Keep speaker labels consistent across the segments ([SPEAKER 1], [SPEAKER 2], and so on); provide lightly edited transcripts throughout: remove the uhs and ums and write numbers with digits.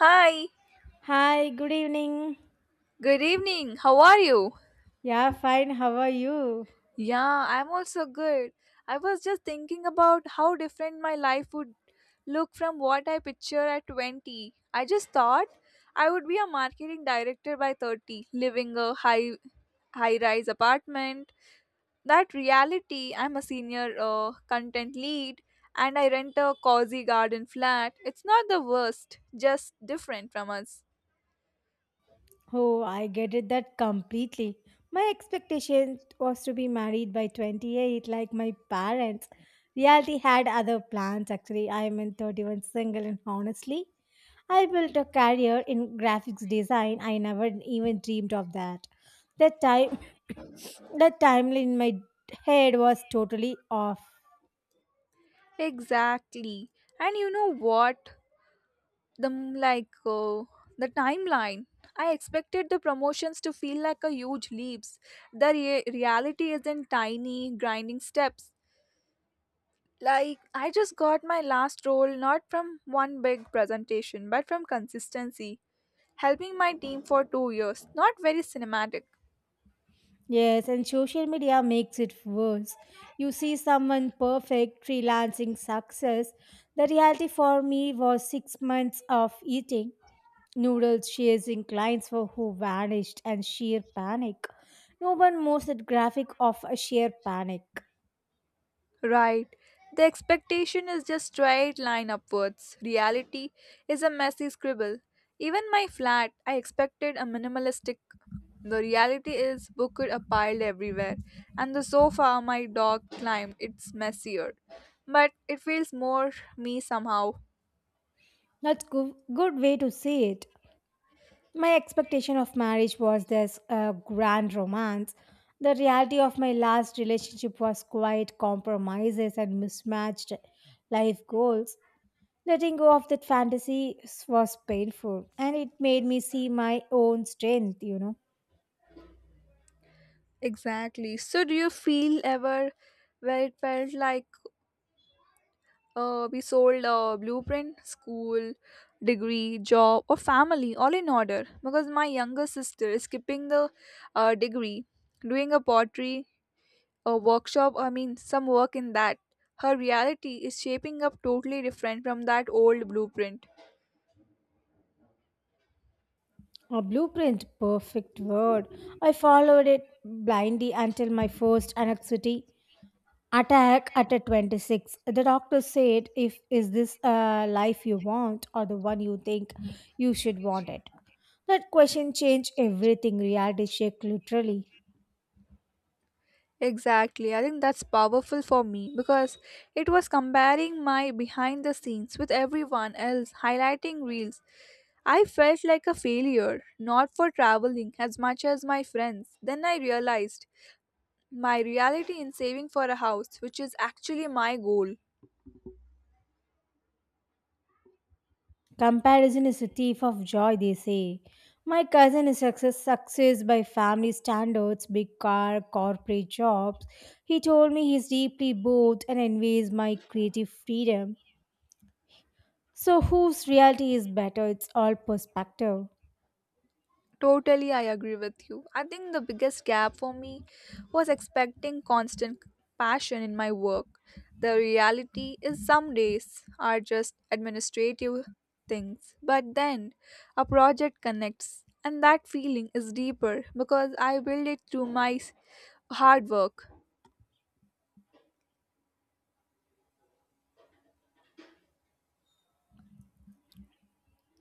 [SPEAKER 1] Hi,
[SPEAKER 2] Hi, good evening.
[SPEAKER 1] good evening. How are you?
[SPEAKER 2] Yeah, fine. How are you?
[SPEAKER 1] Yeah, I'm also good. I was just thinking about how different my life would look from what I picture at 20. I just thought I would be a marketing director by 30, living a high rise apartment. That reality, I'm a senior content lead and I rent a cozy garden flat. It's not the worst, just different from us.
[SPEAKER 2] Oh, I get it that completely. My expectation was to be married by 28, like my parents. Reality had other plans, actually. I am in 31 single, and honestly, I built a career in graphics design. I never even dreamed of that. That time, that timeline in my head was totally off.
[SPEAKER 1] Exactly. And you know what? The m- like The timeline I expected the promotions to feel like a huge leaps. The reality is in tiny grinding steps. Like I just got my last role not from one big presentation but from consistency helping my team for 2 years. Not very cinematic.
[SPEAKER 2] Yes, and social media makes it worse. You see someone perfect, freelancing success. The reality for me was 6 months of eating noodles, chasing clients for who vanished, and sheer panic. No one knows that graphic of a sheer panic.
[SPEAKER 1] Right. The expectation is just straight line upwards. Reality is a messy scribble. Even my flat, I expected a minimalistic. The reality is books are piled everywhere, and the sofa my dog climbed, it's messier. But it feels more me somehow.
[SPEAKER 2] That's a good way to see it. My expectation of marriage was this grand romance. The reality of my last relationship was quite compromises and mismatched life goals. Letting go of that fantasy was painful and it made me see my own strength.
[SPEAKER 1] Exactly. So, do you feel ever where it felt like we sold a blueprint, school, degree, job, or family all in order because my younger sister is skipping the degree, doing a pottery, a workshop, I mean, some work in that. Her reality is shaping up totally different from that old blueprint.
[SPEAKER 2] A blueprint, perfect word. I followed it blindly until my first anxiety attack at a 26. The doctor said, if is this a life you want or the one you think you should want? It that question changed everything. Reality check, literally.
[SPEAKER 1] Exactly. I think that's powerful for me because it was comparing my behind the scenes with everyone else, highlighting reels. I felt like a failure, not for traveling as much as my friends. Then I realized my reality in saving for a house, which is actually my goal.
[SPEAKER 2] Comparison is a thief of joy, they say. My cousin is success by family standards, big car, corporate jobs. He told me he's deeply bored and envies my creative freedom. So whose reality is better? It's all perspective.
[SPEAKER 1] Totally, I agree with you. I think the biggest gap for me was expecting constant passion in my work. The reality is, some days are just administrative things, but then a project connects, and that feeling is deeper because I build it through my hard work.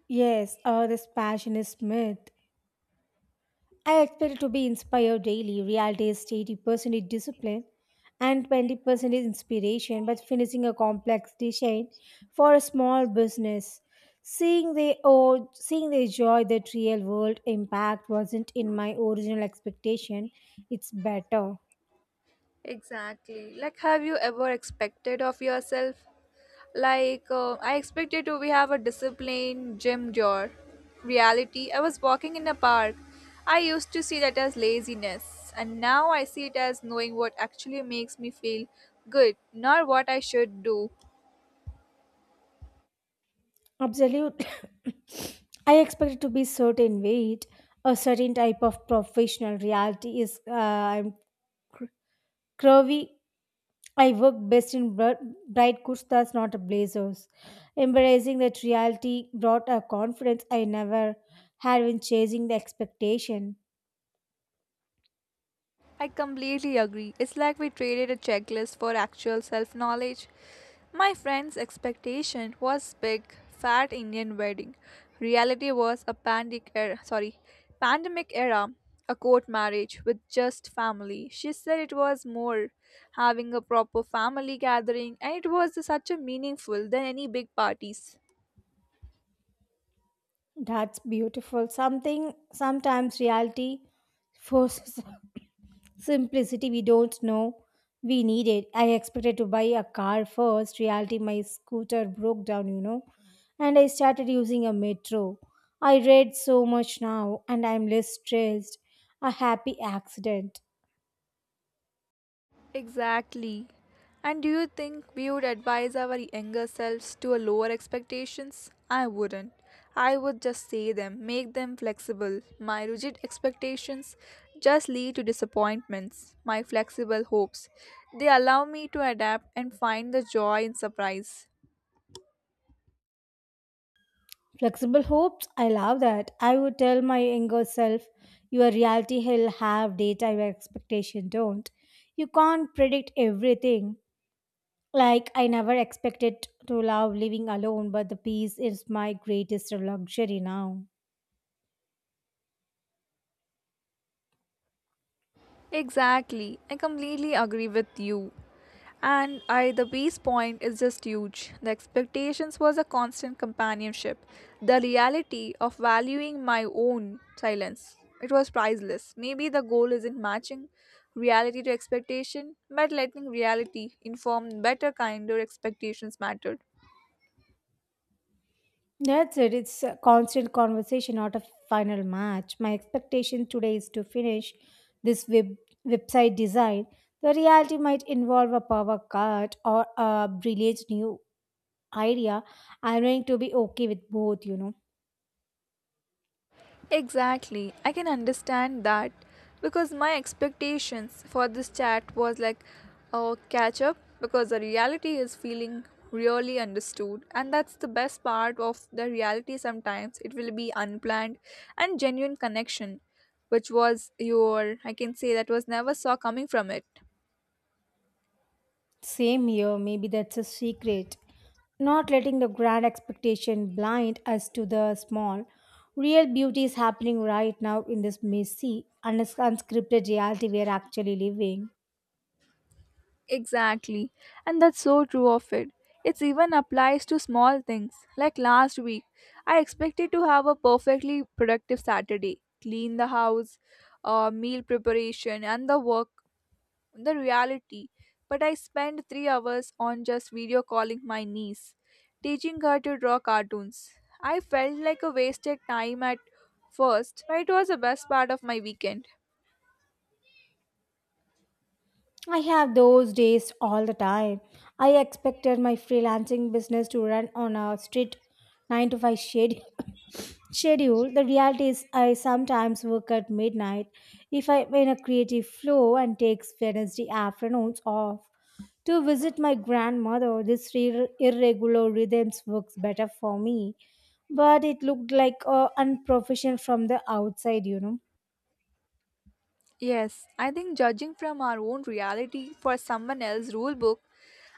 [SPEAKER 2] Yes, this passion is myth. I expect to be inspired daily. Reality is 80% is discipline and 20% is inspiration, but finishing a complex design for a small business. Seeing the seeing the joy, that real world impact wasn't in my original expectation, it's better.
[SPEAKER 1] Exactly. Like, have you ever expected of yourself? Like, I expected to we have a disciplined gym door. Reality, I was walking in a park. I used to see that as laziness, and now I see it as knowing what actually makes me feel good, not what I should do.
[SPEAKER 2] Absolute. I expected to be certain weight, a certain type of professional reality is I'm cr- curvy. I work best in bright kurtas, not blazers. Embracing that reality brought a confidence I never had in chasing the expectation.
[SPEAKER 1] I completely agree. It's like we traded a checklist for actual self knowledge. My friend's expectation was big, fat Indian wedding. Reality was a pandemic era, sorry, pandemic era, a court marriage with just family. She said it was more having a proper family gathering and it was such a meaningful than any big parties.
[SPEAKER 2] That's beautiful. Something Sometimes reality forces simplicity we don't know we need it. I expected to buy a car first. Reality, my scooter broke down, you know, and I started using a metro. I read so much now, and I'm less stressed. A happy accident.
[SPEAKER 1] Exactly. And do you think we would advise our younger selves to a lower expectations? I wouldn't. I would just say them, make them flexible. My rigid expectations just lead to disappointments. My flexible hopes, they allow me to adapt and find the joy in surprise.
[SPEAKER 2] Flexible hopes, I love that. I would tell my younger self, your reality will have data your expectation don't. You can't predict everything. Like I never expected to love living alone, but the peace is my greatest luxury now.
[SPEAKER 1] Exactly. I completely agree with you. And I the base point is just huge. The expectations was a constant companionship. The reality of valuing my own silence. It was priceless. Maybe the goal isn't matching reality to expectation, but letting reality inform better kinder expectations mattered.
[SPEAKER 2] That's it. It's a constant conversation, not a final match. My expectation today is to finish this website design. The reality might involve a power cut or a brilliant new idea, I'm going to be okay with both, you know.
[SPEAKER 1] Exactly. I can understand that because my expectations for this chat was like a catch up because the reality is feeling really understood and that's the best part of the reality sometimes it will be unplanned and genuine connection which was your I can say that was never saw coming from it.
[SPEAKER 2] Same here, maybe that's a secret. Not letting the grand expectation blind us to the small. Real beauty is happening right now in this messy, unscripted reality we are actually living.
[SPEAKER 1] Exactly. And that's so true of it. It even applies to small things. Like last week, I expected to have a perfectly productive Saturday, clean the house, meal preparation, and the work, the reality. But I spent 3 hours on just video calling my niece, teaching her to draw cartoons. I felt like a wasted time at first, but it was the best part of my weekend.
[SPEAKER 2] I have those days all the time. I expected my freelancing business to run on a strict 9 to 5 schedule. Schedule. The reality is, I sometimes work at midnight if I'm in a creative flow and takes Wednesday afternoons off to visit my grandmother. This irregular rhythms works better for me, but it looked like unprofessional from the outside, you know.
[SPEAKER 1] Yes, I think judging from our own reality for someone else's rule book,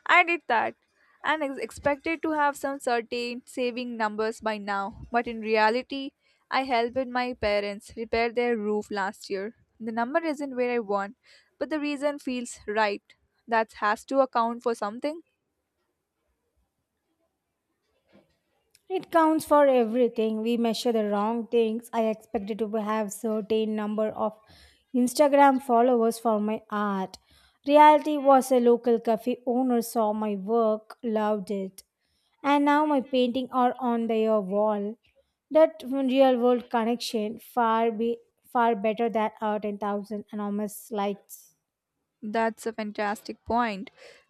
[SPEAKER 1] I did that and is expected to have some certain saving numbers by now, but in reality, I helped my parents repair their roof last year. The number isn't where I want, but the reason feels right. That has to account for something.
[SPEAKER 2] It counts for everything. We measure the wrong things. I expected to have certain number of Instagram followers for my art. Reality was a local cafe owner saw my work, loved it. And now my painting are on their wall. That real world connection far better than our 10,000 anonymous likes.
[SPEAKER 1] That's a fantastic point.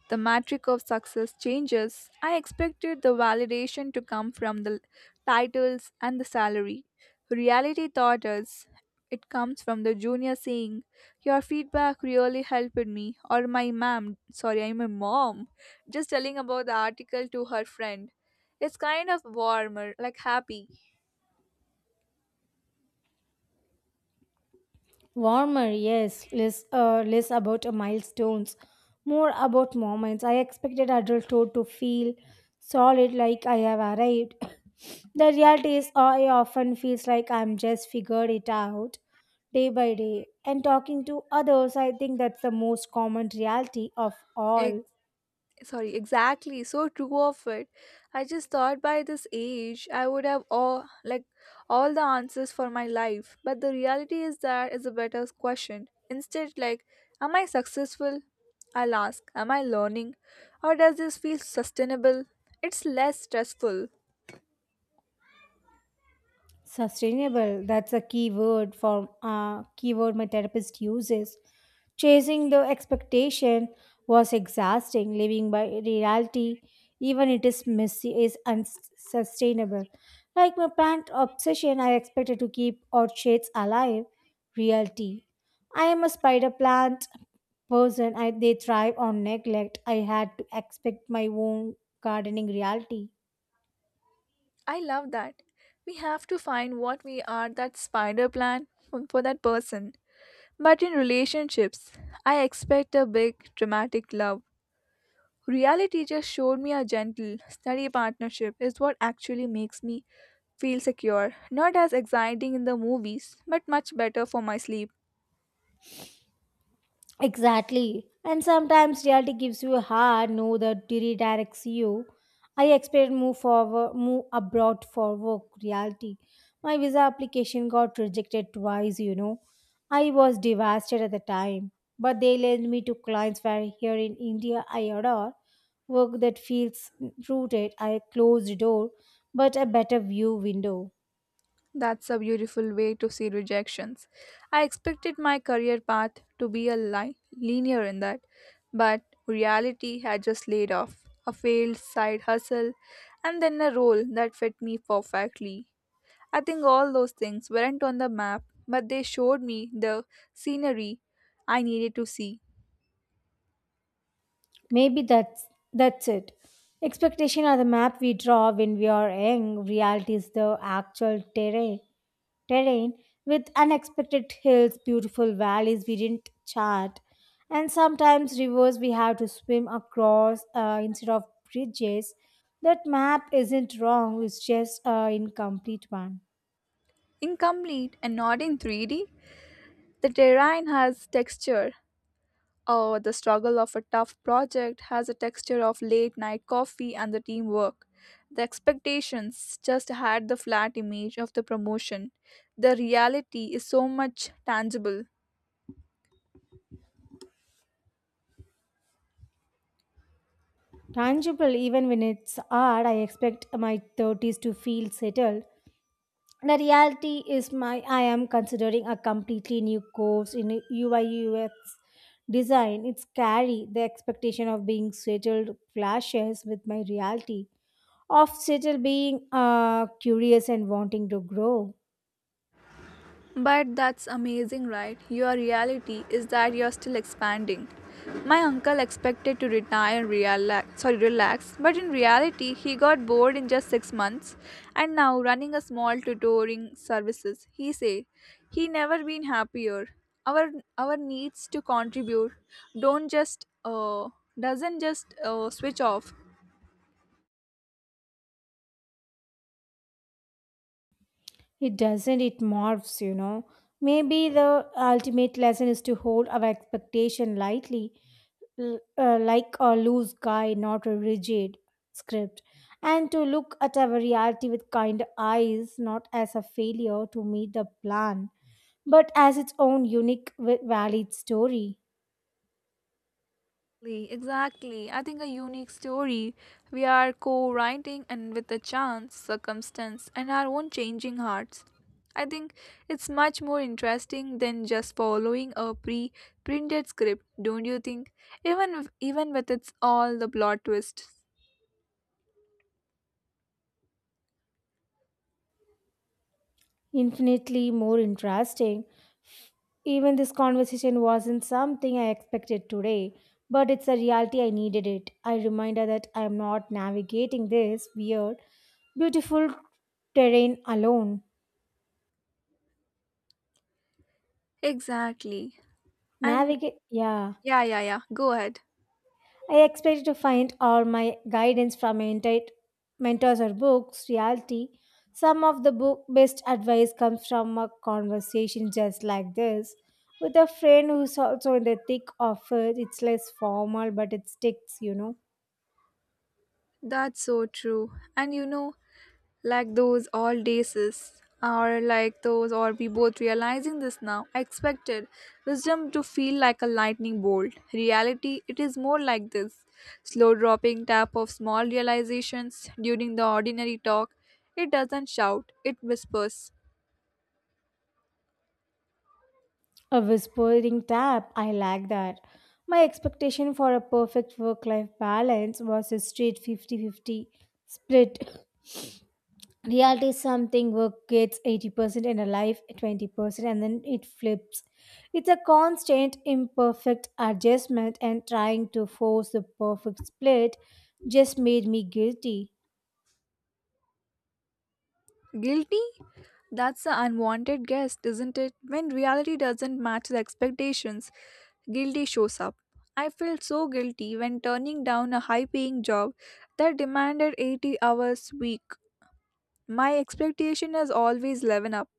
[SPEAKER 1] The metric of success changes. I expected the validation to come from the titles and the salary. Reality taught us it comes from the junior saying, your feedback really helped me, or my mom, sorry, I'm a mom, just telling about the article to her friend. It's kind of warmer, like happy.
[SPEAKER 2] Warmer, yes, less, less about milestones, more about moments. I expected adulthood to feel solid, like I have arrived. The reality is, I often feels like I'm just figured it out day by day. And talking to others, I think that's the most common reality of all.
[SPEAKER 1] Sorry, exactly, so true of it. I just thought by this age I would have all the answers for my life, but the reality is that is a better question instead. Like, am I successful? I'll ask, am I learning? Or does this feel sustainable? It's less stressful.
[SPEAKER 2] Sustainable, that's a key word for keyword my therapist uses. Chasing the expectation was exhausting, living by reality, even it is messy, is unsustainable. Like my plant obsession, I expected to keep orchids alive. Reality. I am a spider plant person. I, they thrive on neglect. I had to expect my own gardening reality.
[SPEAKER 1] I love that. We have to find what we are that spider plan for that person. But in relationships, I expect a big dramatic love. Reality just showed me a gentle, steady partnership is what actually makes me feel secure. Not as exciting in the movies, but much better for my sleep.
[SPEAKER 2] Exactly. And sometimes reality gives you a hard no that redirects you. I expected move abroad for work reality. My visa application got rejected twice, you know. I was devastated at the time. But they led me to clients where here in India I adore work that feels rooted. I closed the door, but a better view window.
[SPEAKER 1] That's a beautiful way to see rejections. I expected my career path to be a linear in that, but reality had just laid off a failed side hustle and then a role that fit me perfectly. I think all those things weren't on the map, but they showed me the scenery I needed to see.
[SPEAKER 2] Maybe that's it. Expectation are the map we draw when we are young. Reality is the actual terrain with unexpected hills, beautiful valleys we didn't chart, and sometimes rivers we have to swim across instead of bridges. That map isn't wrong, it's just an incomplete one.
[SPEAKER 1] Incomplete and not in 3D, the terrain has texture, or the struggle of a tough project has a texture of late night coffee and the teamwork. The expectations just had the flat image of the promotion. The reality is so much tangible.
[SPEAKER 2] Tangible, even when it's hard, I expect my 30s to feel settled. The reality is my I am considering a completely new course in UI UX design. It's scary. The expectation of being settled clashes with my reality of settled being curious and wanting to grow.
[SPEAKER 1] But that's amazing, right? Your reality is that you're still expanding. My uncle expected to retire and relax, sorry, relax, but in reality, he got bored in just 6 months, and now running a small tutoring services. He say he never been happier. Our our needs to contribute don't just doesn't just switch off.
[SPEAKER 2] It doesn't, it morphs, you know. Maybe the ultimate lesson is to hold our expectation lightly, like a loose guy, not a rigid script, and to look at our reality with kind eyes, not as a failure to meet the plan, but as its own unique, valid story.
[SPEAKER 1] Exactly, exactly. I think a unique story. We are co writing and with a chance, circumstance, and our own changing hearts. I think it's much more interesting than just following a pre printed script, don't you think? Even if- Even with its all the plot twists.
[SPEAKER 2] Infinitely more interesting. Even this conversation wasn't something I expected today, but it's a reality I needed it. I reminder that I am not navigating this weird, beautiful terrain alone.
[SPEAKER 1] Exactly. And
[SPEAKER 2] Navigate, yeah.
[SPEAKER 1] yeah, yeah, yeah. Go ahead.
[SPEAKER 2] I expected to find all my guidance from my mentors or books, reality. Some of the book best advice comes from a conversation just like this with a friend who's also in the thick of it. It's less formal, but it sticks, you know.
[SPEAKER 1] That's so true. And you know, like those all days or like those or we both realizing this now. I expected wisdom to feel like a lightning bolt. Reality, it is more like this slow dropping tap of small realizations during the ordinary talk. It doesn't shout, it whispers.
[SPEAKER 2] A whispering tap, I like that. My expectation for a perfect work life balance was a straight 50-50 split. Reality is something work gets 80% and a life 20%, and then it flips. It's a constant imperfect adjustment, and trying to force the perfect split just made me guilty.
[SPEAKER 1] Guilty. That's an unwanted guest, isn't it? When reality doesn't match the expectations, guilty shows up. I felt so guilty when turning down a high paying job that demanded 80 hours a week. My expectation has always level up.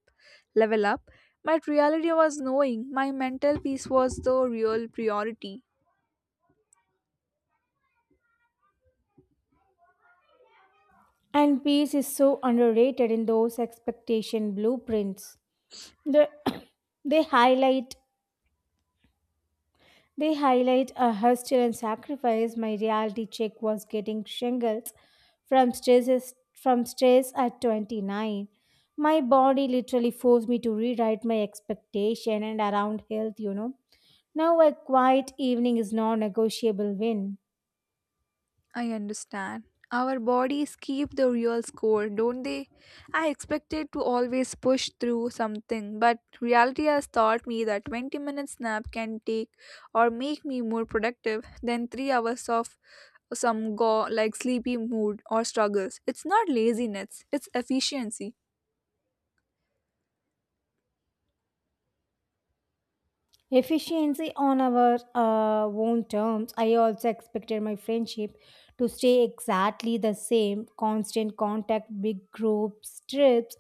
[SPEAKER 1] Level up. But reality was knowing my mental peace was the real priority.
[SPEAKER 2] And peace is so underrated in those expectation blueprints. the, they highlight They highlight a hustle and sacrifice. My reality check was getting shingles from stress at 29. My body literally forced me to rewrite my expectation and around health, you know. Now a quiet evening is non-negotiable win.
[SPEAKER 1] I understand. Our bodies keep the real score, don't they? I expected to always push through something, but reality has taught me that 20-minute nap can take or make me more productive than 3 hours of some go like sleepy mood or struggles. It's not laziness, it's efficiency.
[SPEAKER 2] Efficiency on our own terms. I also expected my friendship to stay exactly the same, constant contact, big groups, trips.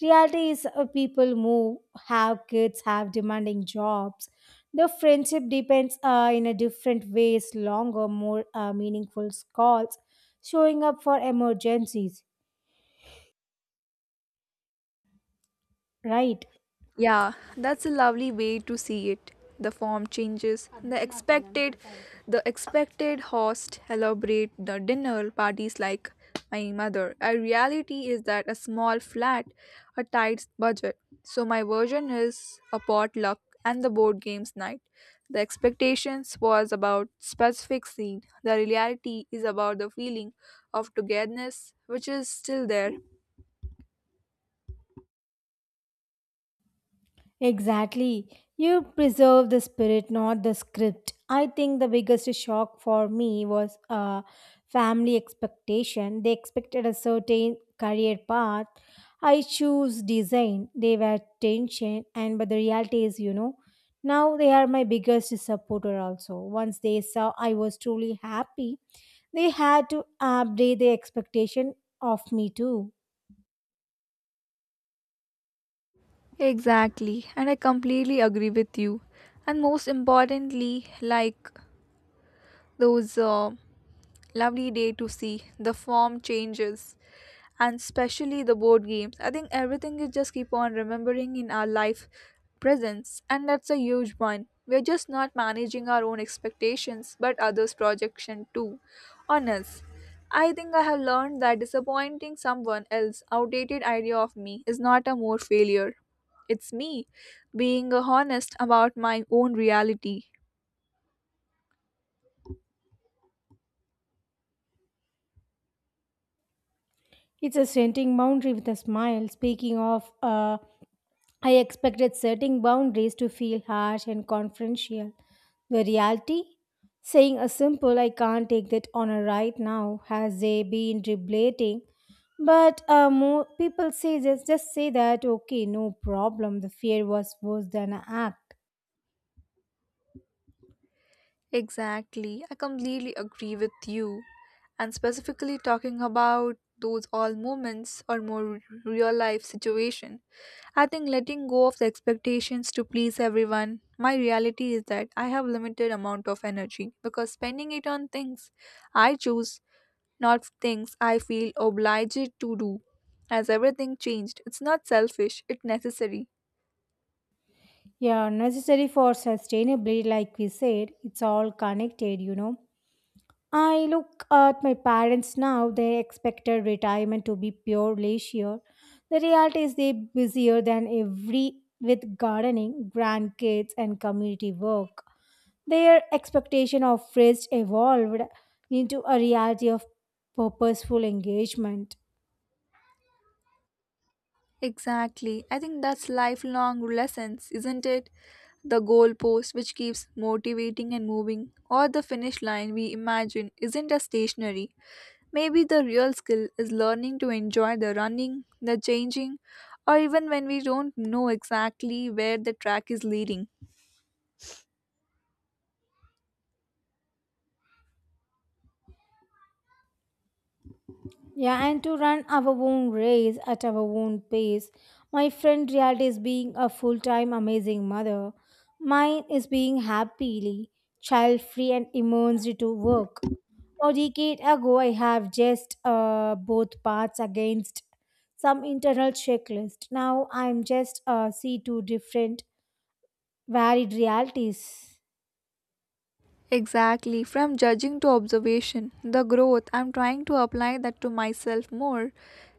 [SPEAKER 2] Reality is people move, have kids, have demanding jobs. The friendship depends in a different ways, longer, more meaningful calls, showing up for emergencies, right?
[SPEAKER 1] Yeah, that's a lovely way to see it. The form changes. The expected host elaborate the dinner parties like my mother. A reality is that a small flat, a tight budget. So my version is a potluck and the board games night. The expectations was about specific scene. The reality is about the feeling of togetherness, which is still there.
[SPEAKER 2] Exactly. You preserve the spirit, not the script. I think the biggest shock for me was family expectation. They expected a certain career path. I choose design. They were tension, and but the reality is, you know, now they are my biggest supporter. Also, once they saw I was truly happy, they had to update the expectation of me too.
[SPEAKER 1] Exactly, and I completely agree with you. And most importantly, like those lovely day to see the form changes, and especially the board games, I think everything is just keep on remembering in our life presence, and that's a huge one. We're just not managing our own expectations but others projection too on us. I think I have learned that disappointing someone else outdated idea of me is not a more failure. It's me being honest about my own reality.
[SPEAKER 2] It's a strengthening boundary with a smile. Speaking of. I expected setting boundaries to feel harsh and confrontational. The reality? Saying a simple, I can't take that honor right now, has they been reblating? But more people say just say that, okay, no problem. The fear was worse than an act.
[SPEAKER 1] Exactly. I completely agree with you. And specifically talking about those all moments or more real life situation. I think letting go of the expectations to please everyone. My reality is that I have limited amount of energy because spending it on things I choose, not things I feel obliged to do. As everything changed, it's not selfish, it's necessary.
[SPEAKER 2] Yeah, necessary for sustainability, like we said, it's all connected, you know. I look at my parents now, they expected retirement to be pure leisure. The reality is they're busier than every with gardening, grandkids and community work. Their expectation of rest evolved into a reality of purposeful engagement.
[SPEAKER 1] Exactly. I think that's lifelong lessons, isn't it? The goalpost which keeps motivating and moving, or the finish line we imagine isn't a stationary. Maybe the real skill is learning to enjoy the running, the changing, or even when we don't know exactly where the track is leading.
[SPEAKER 2] Yeah, and to run our own race at our own pace. My friend reality is being a full time amazing mother. Mine is being happily, child free, and immersed into work. A decade ago, I have just both paths against some internal checklist. Now I'm just see two different varied realities.
[SPEAKER 1] Exactly, from judging to observation, the growth, I'm trying to apply that to myself more.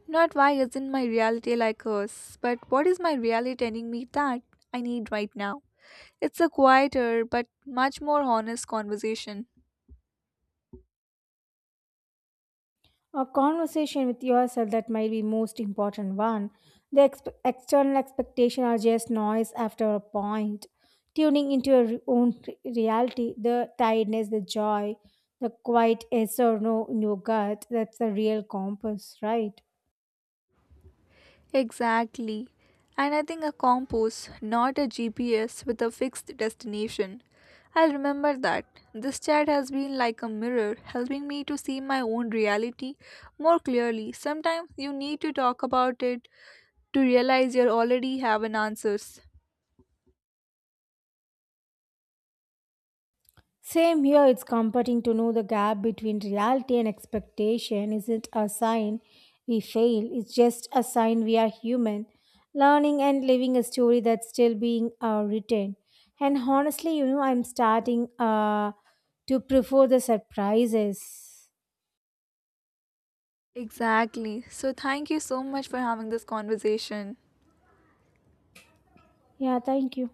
[SPEAKER 1] Not why isn't my reality like hers, but what is my reality telling me that I need right now? It's a quieter but much more honest conversation.
[SPEAKER 2] A conversation with yourself that might be most important one. The external expectation are just noise after a point. Tuning into your own reality, the tiredness, the joy, the quiet yes or no in your gut, that's the real compass, right?
[SPEAKER 1] Exactly. And I think a compass, not a GPS with a fixed destination. I'll remember that. This chat has been like a mirror, helping me to see my own reality more clearly. Sometimes you need to talk about it to realize you already have an answers.
[SPEAKER 2] Same here, it's comforting to know the gap between reality and expectation isn't a sign we fail, it's just a sign we are human, learning and living a story that's still being written. And honestly, you know, I'm starting to prefer the surprises.
[SPEAKER 1] Exactly. So thank you so much for having this conversation.
[SPEAKER 2] Yeah, thank you.